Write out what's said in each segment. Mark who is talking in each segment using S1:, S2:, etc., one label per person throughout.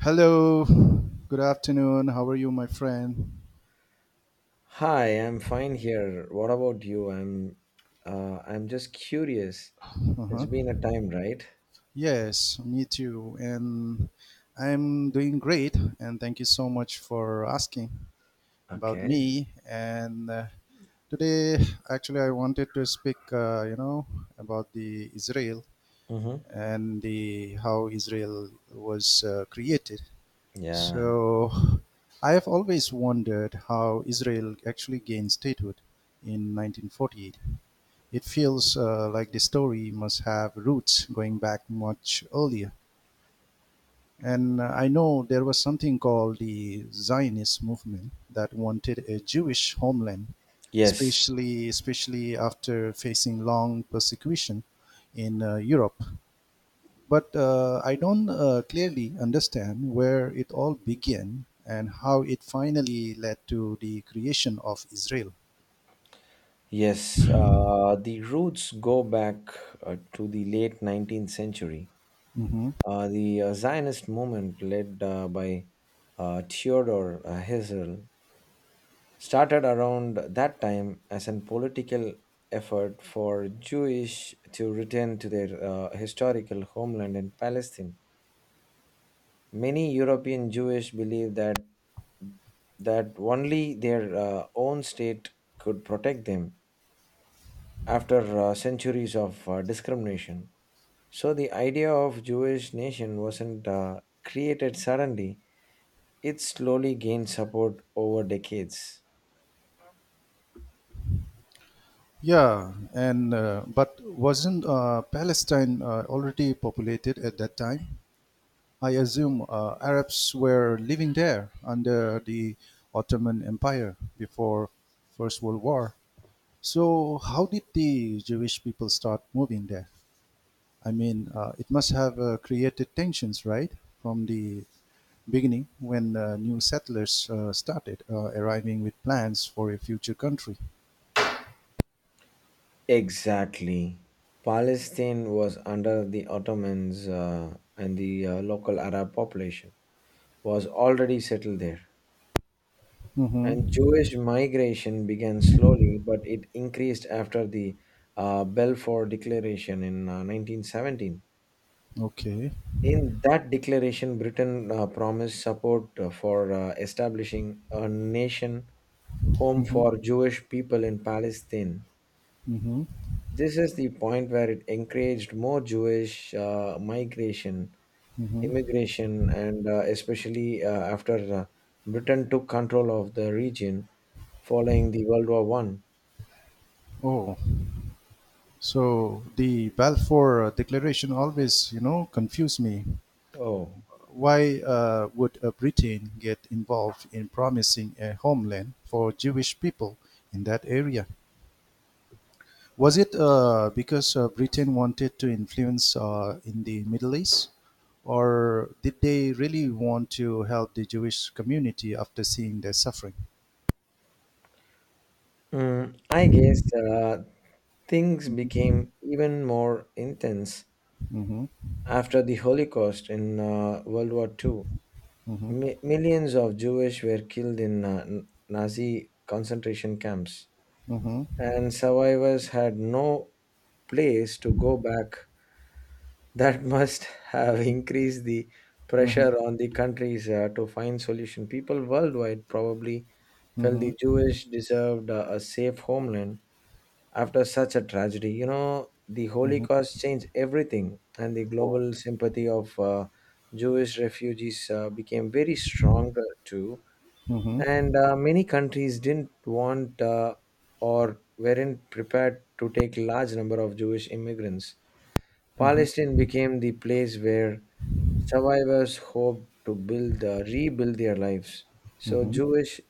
S1: Hello, good afternoon. How are you, my friend?
S2: Hi, I'm fine here. What about you? I'm just curious. It's
S1: Uh-huh.
S2: been a time, right?
S1: Yes, me too. And I'm doing great. And thank you so much for asking about
S2: Okay.
S1: me. And today, actually, I wanted to speak, about the Israel
S2: Mm-hmm.
S1: and the how Israel was created.
S2: Yeah.
S1: So, I have always wondered how Israel actually gained statehood in 1948. It feels like the story must have roots going back much earlier. And I know there was something called the Zionist movement that wanted a Jewish homeland,
S2: Yes.
S1: especially after facing long persecution in Europe. But I don't clearly understand where it all began and how it finally led to the creation of Israel.
S2: Yes. The roots go back to the late 19th century.
S1: Mhm.
S2: The Zionist movement, led by Theodor Herzl, started around that time as a political effort for Jewish to return to their historical homeland in Palestine. Many European Jewish believed that only their own state could protect them after centuries of discrimination. So the idea of Jewish nation wasn't created suddenly. It slowly gained support over decades.
S1: Yeah, and but wasn't Palestine already populated at that time? I assume Arabs were living there under the Ottoman Empire before First World War. So how did the Jewish people start moving there? I mean, it must have created tensions, right, from the beginning when new settlers started arriving with plans for a future country.
S2: Exactly. Palestine was under the Ottomans and the local Arab population was already settled there. And
S1: Mm-hmm.
S2: Jewish migration began slowly, but it increased after the Balfour Declaration in 1917.
S1: Okay.
S2: In that declaration, Britain promised support for establishing a nation home
S1: Mm-hmm.
S2: for Jewish people in Palestine.
S1: Mm-hmm.
S2: This is the point where it encouraged more Jewish migration,
S1: Hmm.
S2: immigration, and especially after Britain took control of the region following the World War I.
S1: Oh, so the Balfour Declaration always confused me.
S2: Oh.
S1: Why would Britain get involved in promising a homeland for Jewish people in that area? Was it because Britain wanted to influence in the Middle East, or did they really want to help the Jewish community after seeing their suffering?
S2: I guess things became even more intense
S1: Mm-hmm.
S2: after the Holocaust in World War II.
S1: Mm-hmm.
S2: Millions of Jewish were killed in Nazi concentration camps.
S1: Mm-hmm.
S2: And survivors had no place to go back. That must have increased the
S1: Mm-hmm.
S2: pressure on the countries to find solution. People worldwide probably felt the
S1: Mm-hmm.
S2: Jewish deserved a safe homeland after such a tragedy. The
S1: Mm-hmm.
S2: Holocaust changed everything, and the
S1: Oh.
S2: global sympathy of Jewish refugees became very strong too,
S1: Mm-hmm.
S2: and many countries didn't want or weren't prepared to take large number of Jewish immigrants.
S1: Mm-hmm.
S2: Palestine became the place where survivors hoped to rebuild their lives. So
S1: Mm-hmm.
S2: Jewish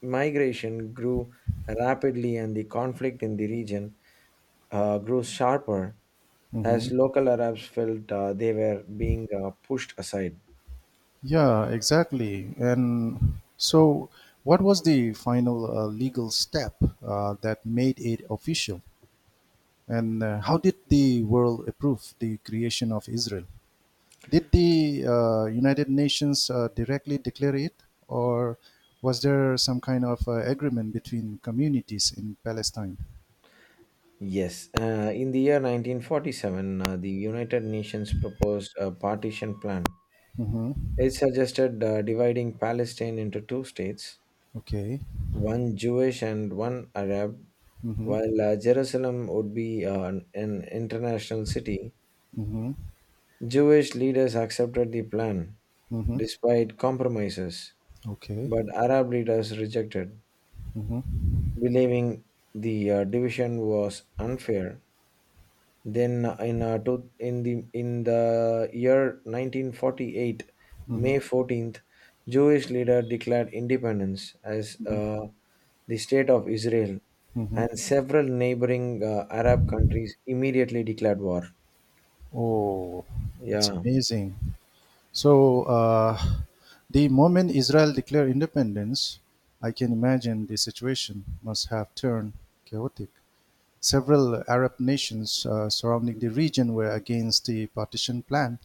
S2: migration grew rapidly, and the conflict in the region grew sharper as
S1: Mhm.
S2: local Arabs felt they were being pushed aside.
S1: Yeah, exactly. And so, what was the final legal step that made it official? And how did the world approve the creation of Israel? Did the United Nations directly declare it, or was there some kind of agreement between communities in Palestine?
S2: Yes, in the year 1947, the United Nations proposed a partition plan.
S1: Mm-hmm.
S2: It suggested dividing Palestine into two states,
S1: Okay.
S2: one Jewish and one Arab,
S1: Mm-hmm.
S2: while Jerusalem would be an international city.
S1: Mm-hmm.
S2: Jewish leaders accepted the plan
S1: Mm-hmm.
S2: despite compromises,
S1: Okay.
S2: but Arab leaders rejected,
S1: Mm-hmm.
S2: believing the division was unfair. Then in the year 1948, May 14th, Jewish leader declared independence as the state of Israel,
S1: Mm-hmm.
S2: and several neighboring Arab countries immediately declared war.
S1: Oh, it's
S2: Yeah,
S1: amazing. So, the moment Israel declared independence, I can imagine the situation must have turned chaotic. Several Arab nations surrounding the region were against the partition plan,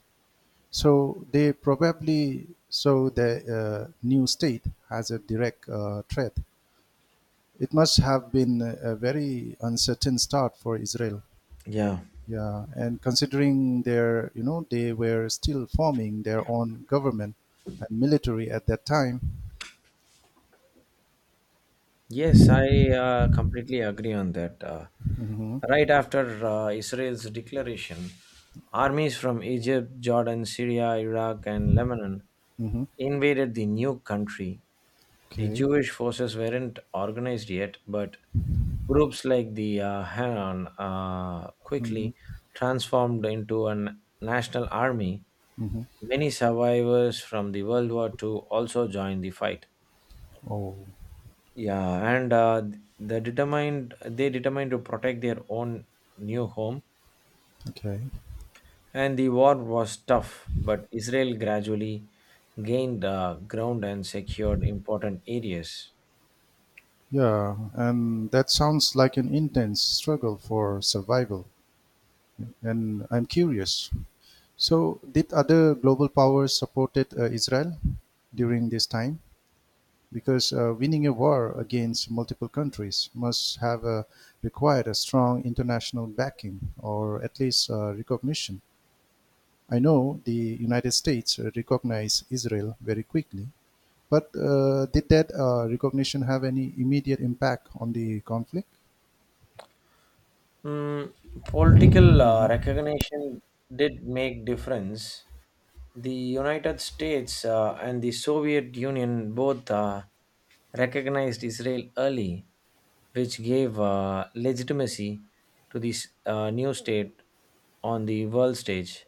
S1: so they probably saw the new state as a direct threat. It must have been a very uncertain start for Israel.
S2: yeah.
S1: Yeah, and considering they were still forming their own government and military at that time.
S2: Yes, I completely agree on that. Uh,
S1: Hmm.
S2: right after Israel's declaration, armies from Egypt, Jordan, Syria, Iraq, and Lebanon
S1: Hmm.
S2: invaded the new country. The
S1: Okay.
S2: Jewish forces weren't organized yet, but groups like the Hanan
S1: Hmm.
S2: quickly transformed into a national army.
S1: Hmm.
S2: Many survivors from the World War II also joined the fight.
S1: Oh,
S2: Yeah, and they determined to protect their own new home,
S1: okay.
S2: and the war was tough, but Israel gradually gained ground and secured important areas.
S1: Yeah, and that sounds like an intense struggle for survival. And I'm curious. So, did other global powers supported Israel during this time? Because winning a war against multiple countries must have required a strong international backing or at least recognition. I know the United States recognized Israel very quickly, but did that recognition have any immediate impact on the conflict?
S2: Mm, political recognition did make difference. The United States and the Soviet Union both recognized Israel early, which gave legitimacy to this new state on the world stage.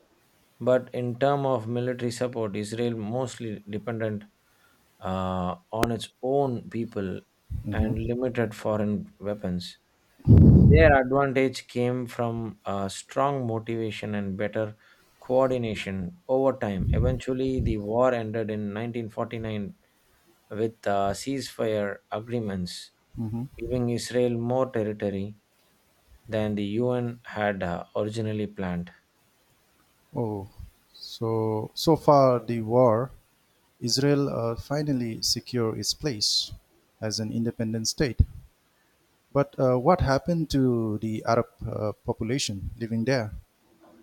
S2: But in terms of military support, Israel mostly dependent on its own people and limited foreign weapons. Their advantage came from a strong motivation and better coordination over time. Eventually, the war ended in 1949 with ceasefire agreements, giving Israel more territory than the UN had originally planned.
S1: Oh, so far the war, Israel finally secured its place as an independent state. But what happened to the Arab population living there?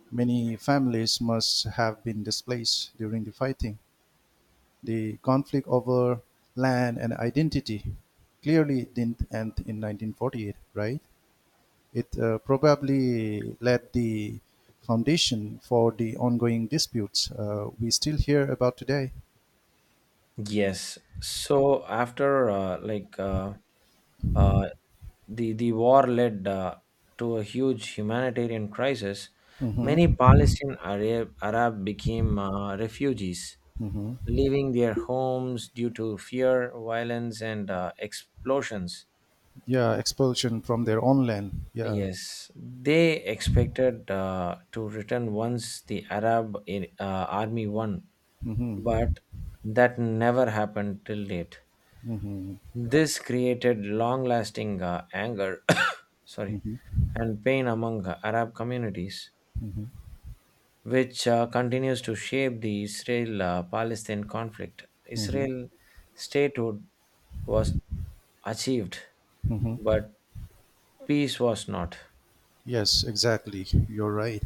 S1: Many families must have been displaced during the fighting. The conflict over land and identity clearly didn't end in 1948, right? It probably led the foundation for the ongoing disputes we still hear about today.
S2: Yes. So after like uh, the war led to a huge humanitarian crisis, many
S1: Hmm.
S2: Palestinian Arab became refugees, leaving their homes due to fear, violence, and explosions.
S1: Yeah, expulsion from their own land. Yeah.
S2: Yes, they expected to return once the Arab army won,
S1: Hmm.
S2: but that never happened till date. This created long lasting anger sorry, and pain among Arab communities, which continues to shape the Israel Palestine conflict.
S1: Hmm.
S2: Israel statehood was achieved,
S1: Hmm.
S2: but peace was not.
S1: Yes, exactly. You're right.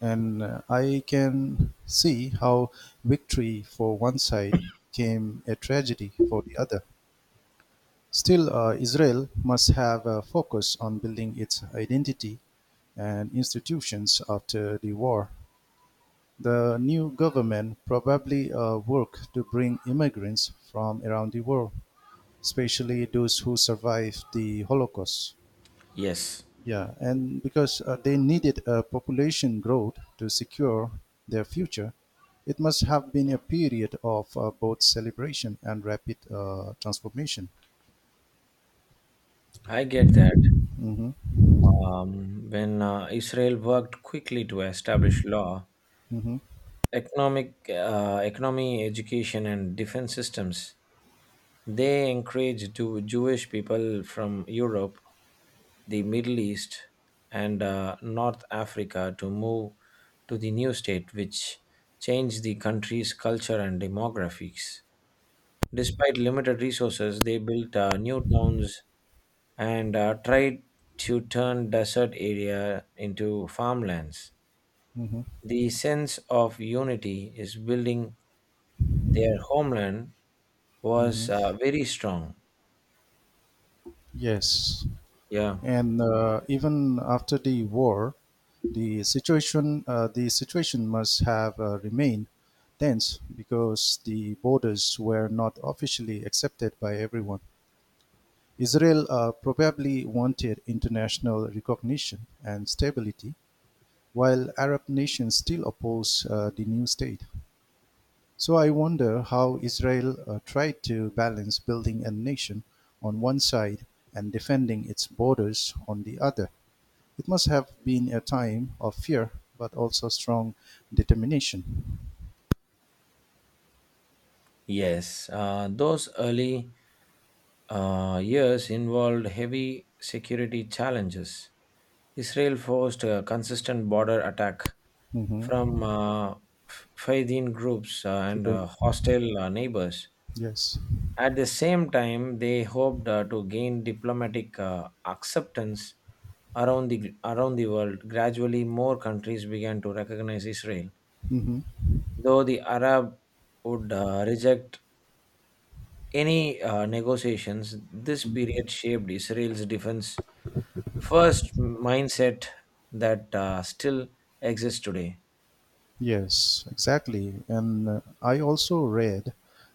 S1: And I can see how victory for one side came a tragedy for the other. Still, Israel must have a focus on building its identity and institutions after the war. The new government probably work to bring immigrants from around the world, especially those who survived the Holocaust.
S2: Yes,
S1: Yeah, and because they needed a population growth to secure their future, it must have been a period of both celebration and rapid transformation.
S2: I get that.
S1: Hmm.
S2: When Israel worked quickly to establish law,
S1: Hmm.
S2: economy, education, and defense systems, they encouraged Jewish people from Europe, the Middle East, and North Africa to move to the new state, which changed the country's culture and demographics. Despite limited resources, they built new towns and tried to turn desert area into farmlands.
S1: Hmm.
S2: The sense of unity is building their homeland
S1: Hmm.
S2: was very strong.
S1: Yes,
S2: Yeah,
S1: and uh, even after the war, the situation must have remained tense because the borders were not officially accepted by everyone. Israel probably wanted international recognition and stability, while Arab nations still opposed the new state. So I wonder how Israel tried to balance building a nation on one side and defending its borders on the other. It must have been a time of fear, but also strong determination.
S2: yes. Those early years involved heavy security challenges. Israel forced a consistent border attack
S1: Mhm.
S2: from Faydin groups and hostile neighbors.
S1: Yes.
S2: At the same time, they hoped to gain diplomatic acceptance around the world. Gradually, more countries began to recognize Israel.
S1: Mhm.
S2: Though the Arab would reject any negotiations, this period shaped Israel's defense first mindset that still exists today.
S1: Yes, exactly. And I also read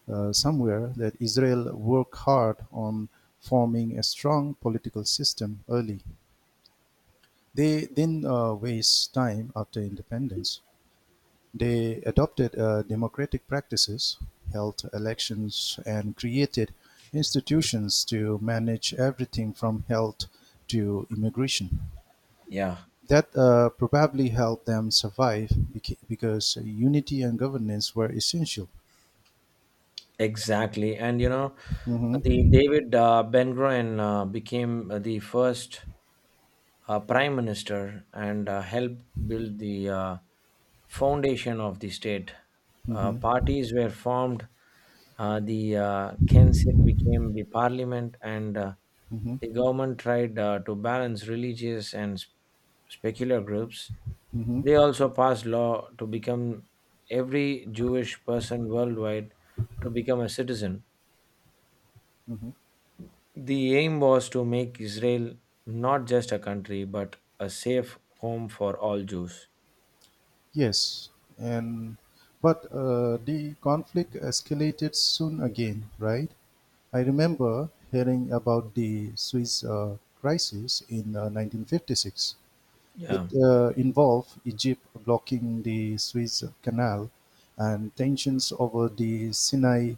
S1: somewhere that Israel worked hard on forming a strong political system early. They didn't waste time after independence. They adopted democratic practices, held elections, and created institutions to manage everything from health to immigration.
S2: Yeah,
S1: That probably helped them survive because unity and governance were essential.
S2: exactly. And the
S1: Mhm.
S2: David Ben Gurion became the first prime minister and helped build the foundation of the state. Uh,
S1: Mhm.
S2: parties were formed, the Knesset became the parliament, and
S1: Mhm.
S2: the government tried to balance religious and secular groups.
S1: Mhm.
S2: They also passed law to become every Jewish person worldwide to become a citizen.
S1: Mhm.
S2: The aim was to make Israel not just a country, but a safe home for all Jews.
S1: Yes, and but the conflict escalated soon again, right? I remember hearing about the Swiss crisis in 1956. It
S2: Yeah.
S1: involved Egypt blocking the Suez Canal and tensions over the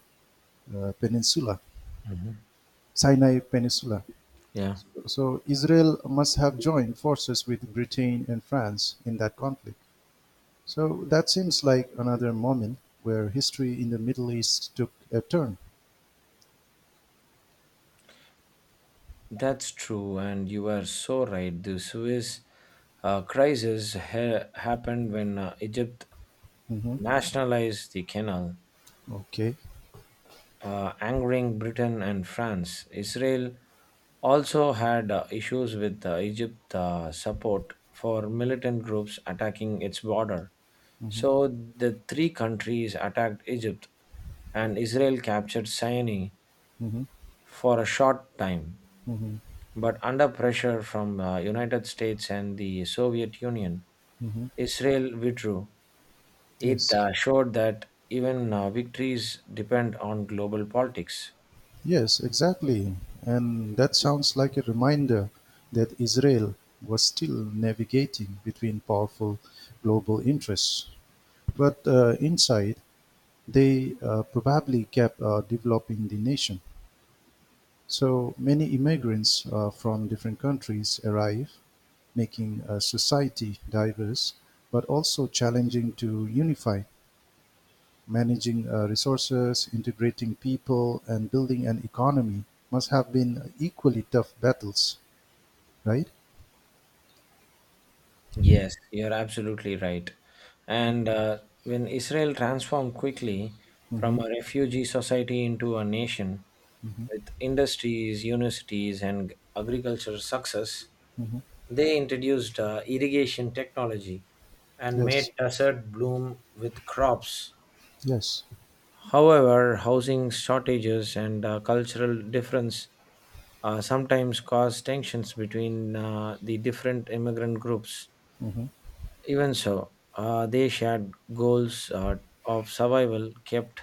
S1: uh, Peninsula.
S2: Mhm.
S1: Sinai Peninsula.
S2: Yeah,
S1: So Israel must have joined forces with Britain and France in that conflict. So that seems like another moment where history in the Middle East took a turn.
S2: that's true, and you are so right. The Suez crisis happened when Egypt
S1: Hmm.
S2: nationalized the canal,
S1: Okay.
S2: angering Britain and France. Israel also had issues with Egypt's support for militant groups attacking its border.
S1: Hmm.
S2: So the three countries attacked Egypt, and Israel captured Sinai
S1: Hmm.
S2: for a short time.
S1: Hmm.
S2: But under pressure from United States and the Soviet Union,
S1: Hmm.
S2: Israel withdrew. It
S1: Yes.
S2: showed that even victories depend on global politics.
S1: Yes, exactly. And that sounds like a reminder that Israel was still navigating between powerful global interests. But inside, they probably kept developing the nation. So many immigrants from different countries arrive making a society diverse, but also challenging to unify. Managing resources, integrating people, and building an economy must have been equally tough battles, right?
S2: Yes, you're absolutely right. And when Israel transformed quickly
S1: Mm-hmm,
S2: from a refugee society into a nation,
S1: mm-hmm,
S2: with industries, universities, and agricultural success,
S1: mm-hmm.
S2: they introduced irrigation technology and made
S1: Yes,
S2: desert bloom with crops.
S1: yes.
S2: However, housing shortages and cultural difference sometimes cause tensions between the different immigrant groups.
S1: Mm-hmm.
S2: Even so, they shared goals of survival kept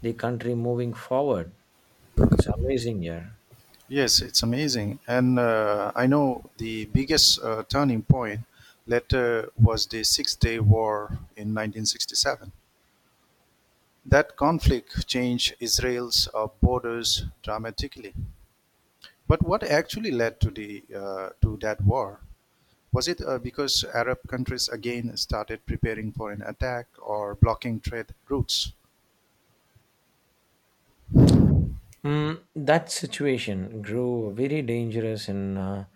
S2: the country moving forward. It's amazing, yeah.
S1: Yes, it's amazing. And I know the biggest turning point later was the Six Day War in 1967. That conflict changed Israel's borders dramatically. But what actually led to the to that war? Was it because Arab countries again started preparing for an attack or blocking trade routes?
S2: That situation grew very dangerous in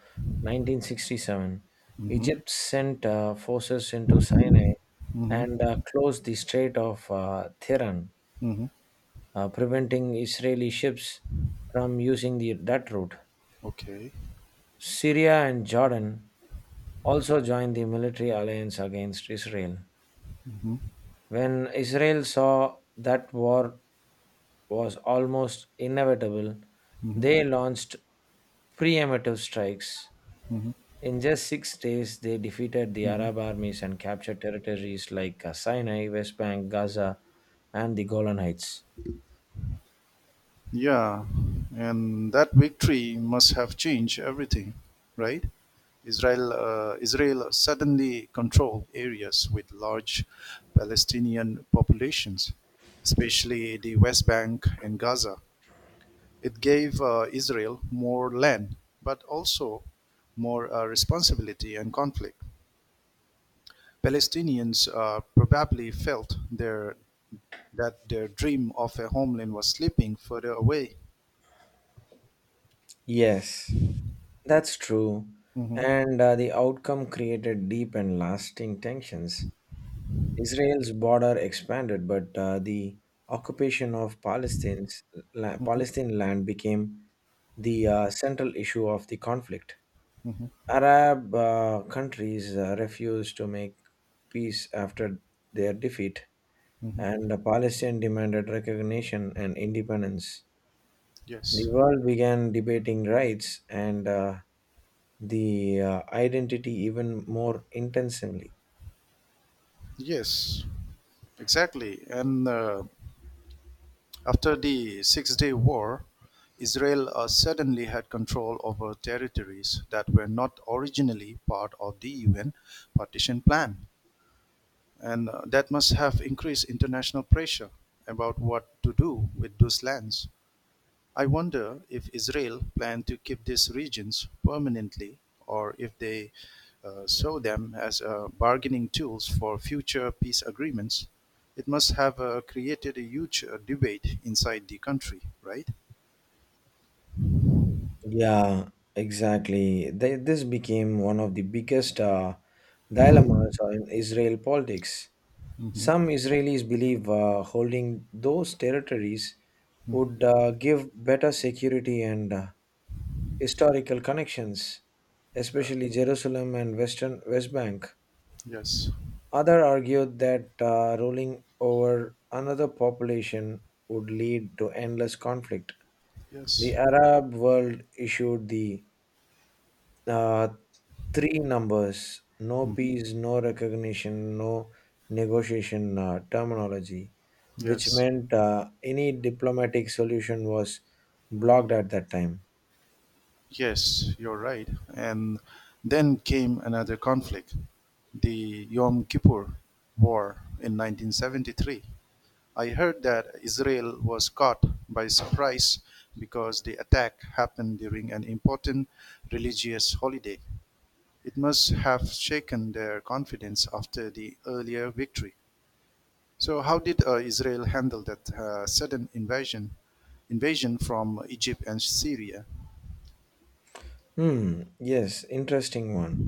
S2: 1967.
S1: Mm-hmm.
S2: Egypt sent forces into Sinai and
S1: Mm-hmm.
S2: closed the Strait of Tehran,
S1: Mm-hmm.
S2: preventing Israeli ships from using that route.
S1: Okay.
S2: Syria and Jordan also joined the military alliance against Israel.
S1: Mm-hmm.
S2: When Israel saw that war was almost inevitable,
S1: Mm-hmm.
S2: they launched preemptive strikes.
S1: Mm-hmm.
S2: In just 6 days, they defeated the
S1: Mm-hmm.
S2: Arab armies and captured territories like Sinai, West Bank, Gaza, and the Golan Heights.
S1: Yeah, and that victory must have changed everything, right? Israel suddenly controlled areas with large Palestinian populations, especially the West Bank and Gaza. It gave Israel more land, but also more responsibility and conflict. Palestinians probably felt that their dream of a homeland was slipping further away.
S2: Yes. That's true.
S1: Mhm,
S2: And the outcome created deep and lasting tensions. Israel's border expanded, but the occupation of
S1: mhm,
S2: Palestine land became the central issue of the conflict. Arab countries refused to make peace after their defeat,
S1: mhm.
S2: and Palestine demanded recognition and independence. The
S1: Yes,
S2: world began debating rights and the identity even more intensively.
S1: yes, exactly. And after the Six Day War, Israel suddenly had control over territories that were not originally part of the UN partition plan. And that must have increased international pressure about what to do with those lands. I wonder if Israel planned to keep these regions permanently or if they saw them as bargaining tools for future peace agreements. It must have created a huge debate inside the country, right?
S2: Yeah, exactly. This became one of the biggest dilemmas in Israel politics.
S1: Hmm.
S2: Some Israelis believe holding those territories
S1: Hmm.
S2: would give better security and historical connections,
S1: Yeah.
S2: especially Jerusalem and Western West Bank.
S1: Yes.
S2: Other argued that ruling over another population would lead to endless conflict. The
S1: Yes.
S2: Arab world issued the uh, three numbers, no
S1: Mhm.
S2: peace, no recognition, no negotiation terminology, which
S1: Yes.
S2: meant any diplomatic solution was blocked at that time.
S1: Yes, you're right. And then came another conflict, the Yom Kippur War in 1973. I heard that Israel was caught by surprise because the attack happened during an important religious holiday. It must have shaken their confidence after the earlier victory. So, how did Israel handle that sudden invasion from Egypt and Syria?
S2: Hmm, yes, interesting one.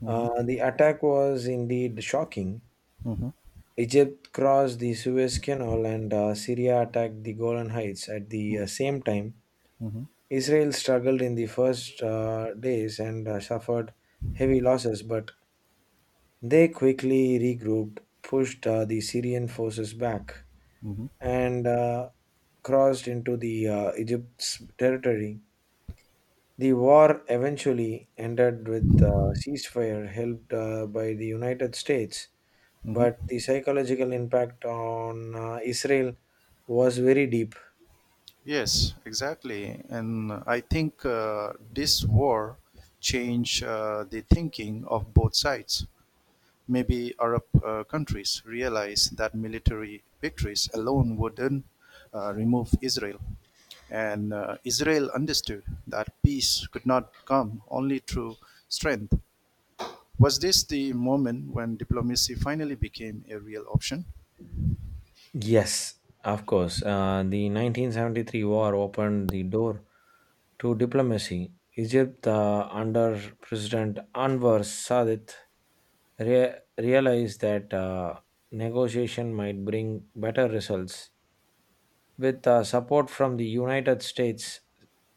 S1: Mhm,
S2: The attack was indeed shocking.
S1: mhm,
S2: Egypt crossed the Suez Canal and Syria attacked the Golan Heights at the
S1: mhm,
S2: same time.
S1: mhm.
S2: Israel struggled in the first days and suffered heavy losses, but they quickly regrouped, pushed the Syrian forces back,
S1: Hmm.
S2: and crossed into the Egypt's territory. The war eventually ended with a ceasefire helped by the United States, but
S1: Hmm.
S2: the psychological impact on Israel was very deep.
S1: Yes, exactly. And I think this war changed the thinking of both sides. Maybe Arab countries realized that military victories alone wouldn't remove Israel. And Israel understood that peace could not come only through strength. Was this the moment when diplomacy finally became a real option?
S2: Yes, of course. The 1973 war opened the door to diplomacy. Egypt, under President Anwar Sadat, realized that negotiation might bring better results. With support from the United States,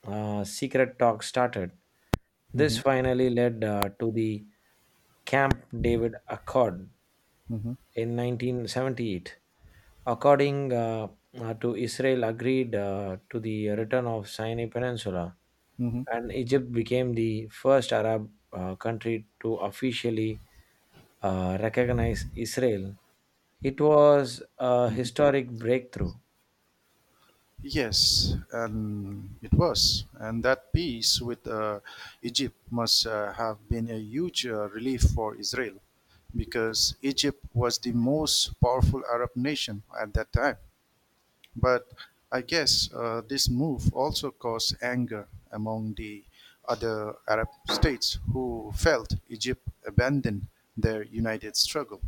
S2: secret talks started. This
S1: Hmm.
S2: finally led to the Camp David Accord
S1: Hmm.
S2: in 1978 according to Israel agreed to the return of Sinai Peninsula, and Egypt became the first Arab country to officially recognize Israel. It was a historic breakthrough.
S1: Yes, and it was. And that peace with Egypt must have been a huge relief for Israel because Egypt was the most powerful Arab nation at that time. But I guess this move also caused anger among the other Arab states who felt Egypt abandoned their united struggle.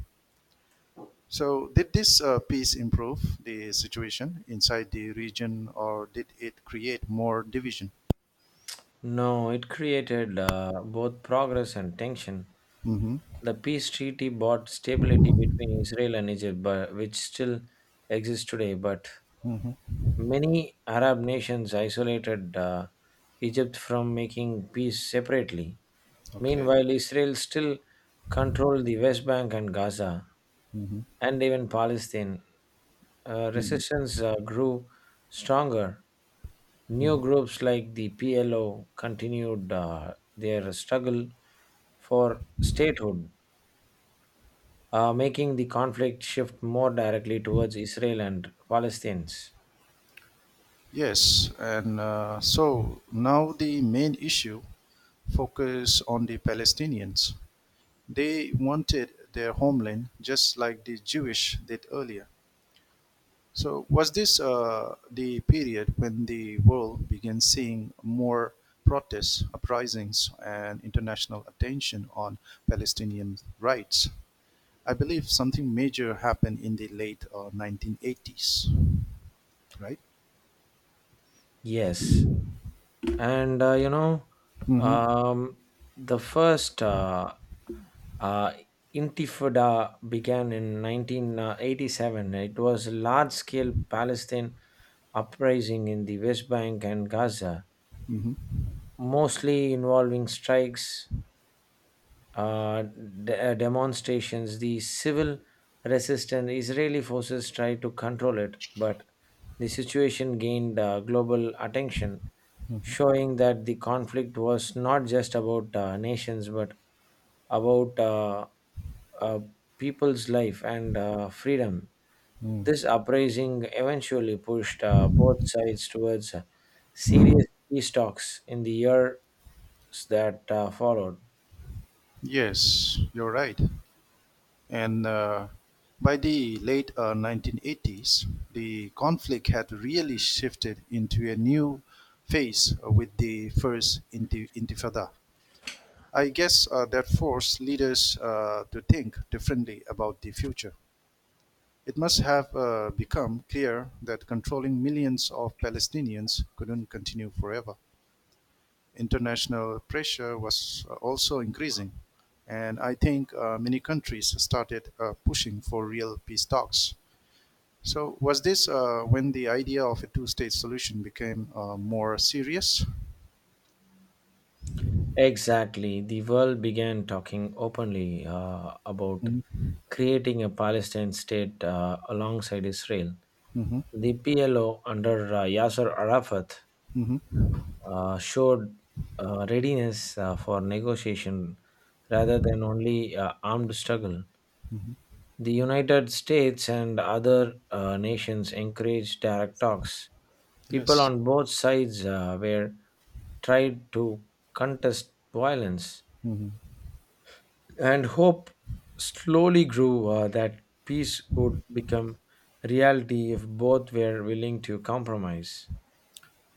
S1: So, did this peace improve the situation inside the region, or did it create more division?
S2: No, it created both progress and tension.
S1: Mm-hmm.
S2: The peace treaty brought stability between Israel and Egypt, but, which still exists today, but
S1: Mm-hmm.
S2: many Arab nations isolated Egypt from making peace separately.
S1: Okay.
S2: Meanwhile, Israel still controlled the West Bank and Gaza,
S1: Mm-hmm.
S2: and even Palestine. Resistance grew stronger. New
S1: Mm-hmm.
S2: groups like the PLO continued their struggle for statehood, making the conflict shift more directly towards Israel and Palestinians.
S1: Yes, and so now the main issue focus on the Palestinians. They wanted their homeland just like the Jewish did earlier. So, was this the period when the world began seeing more protests, uprisings, and international attention on Palestinian rights? I believe something major happened in the late 1980s, right?
S2: Yes. And
S1: Mm-hmm.
S2: um, the first uh, Intifada began in 1987. It was a large scale Palestine uprising in the West Bank and Gaza,
S1: Mm-hmm.
S2: mostly involving strikes, uh, demonstrations, the civil resistance. Israeli forces tried to control it, but the situation gained global attention, showing that the conflict was not just about nations but about uh, people's life and freedom.
S1: Mm.
S2: This uprising eventually pushed both sides towards serious peace talks in the years that followed.
S1: Yes, you're right. And by the late 1980s, the conflict had really shifted into a new phase with the first Intifada. I guess that forced leaders to think differently about the future. It must have become clear that controlling millions of Palestinians couldn't continue forever. International pressure was also increasing, and I think many countries started pushing for real peace talks. So, was this when the idea of a two state solution became more serious?
S2: Exactly. The world began talking openly about creating a Palestinian state alongside Israel.
S1: Mm-hmm.
S2: The PLO under Yasser Arafat
S1: Mm-hmm.
S2: showed readiness for negotiation rather than only armed struggle. The United States and other nations encouraged direct talks. People
S1: Yes.
S2: on both sides were tried to contest violence
S1: Mhm.
S2: and hope slowly grew that peace would become reality if both were willing to compromise.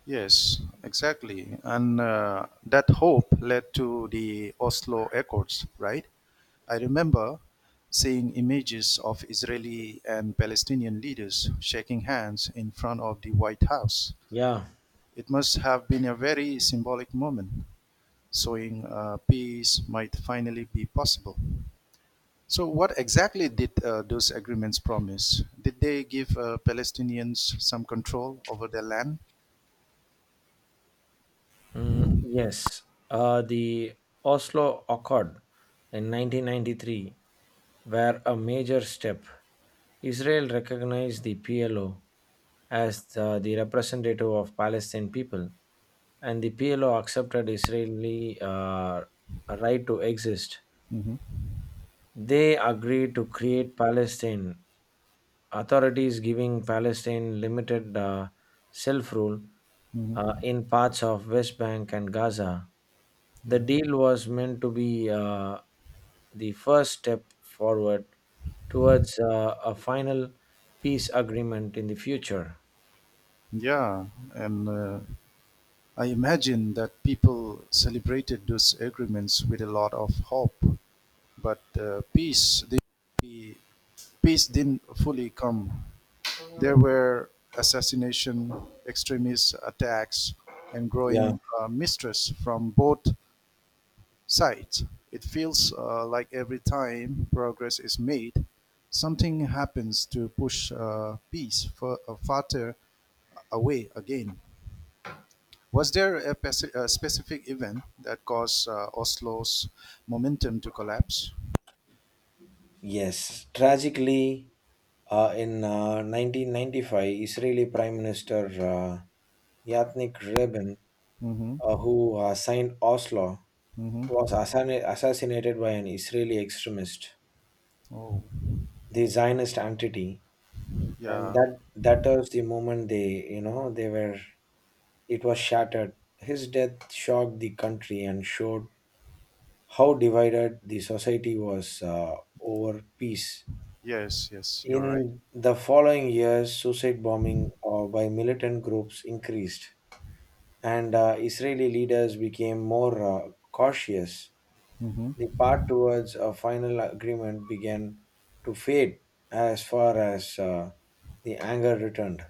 S1: Yes, exactly. And that hope led to the Oslo Accords, right? I remember seeing images of Israeli and Palestinian leaders shaking hands in front of the White House.
S2: Yeah,
S1: It must have been a very symbolic moment, showing peace might finally be possible. So, what exactly did those agreements promise? Did they give Palestinians some control over their land?
S2: mm, yes. The Oslo Accord in 1993 were a major step. Israel recognized the PLO as the representative of Palestinian people, and the PLO accepted Israeli right to exist.
S1: Hmm.
S2: They agreed to create Palestine, authorities giving Palestine limited self rule
S1: Hmm.
S2: in parts of West Bank and Gaza. The
S1: Yeah.
S2: deal was meant to be the first step forward towards a final peace agreement in the future.
S1: Yeah, and I imagine that people celebrated those agreements with a lot of hope, but peace didn't fully come. There were assassination, extremist attacks, and
S2: Yeah.
S1: growing mistrust from both sides. It feels like every time progress is made, something happens to push peace farther away again. Was there a specific event that caused Oslo's momentum to collapse?
S2: Yes. Tragically, in 1995, Israeli Prime Minister Yatnik Rabin
S1: Mm-hmm.
S2: who assigned Oslo, was
S1: Mm-hmm.
S2: assassinated by an Israeli extremist,
S1: Oh,
S2: the Zionist entity, and
S1: yeah.
S2: that was the moment they, they were. It was shattered. His death shocked the country and showed how divided the society was over peace.
S1: Yes, yes, you're right.
S2: In the following years, suicide bombing by militant groups increased, and Israeli leaders became more cautious.
S1: Mm-hmm.
S2: The path towards a final agreement began to fade as far as the anger returned.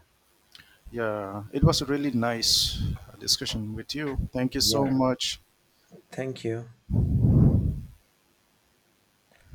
S1: Yeah, it was a really nice discussion with you. Thank you so
S2: Yeah,
S1: much.
S2: thank you.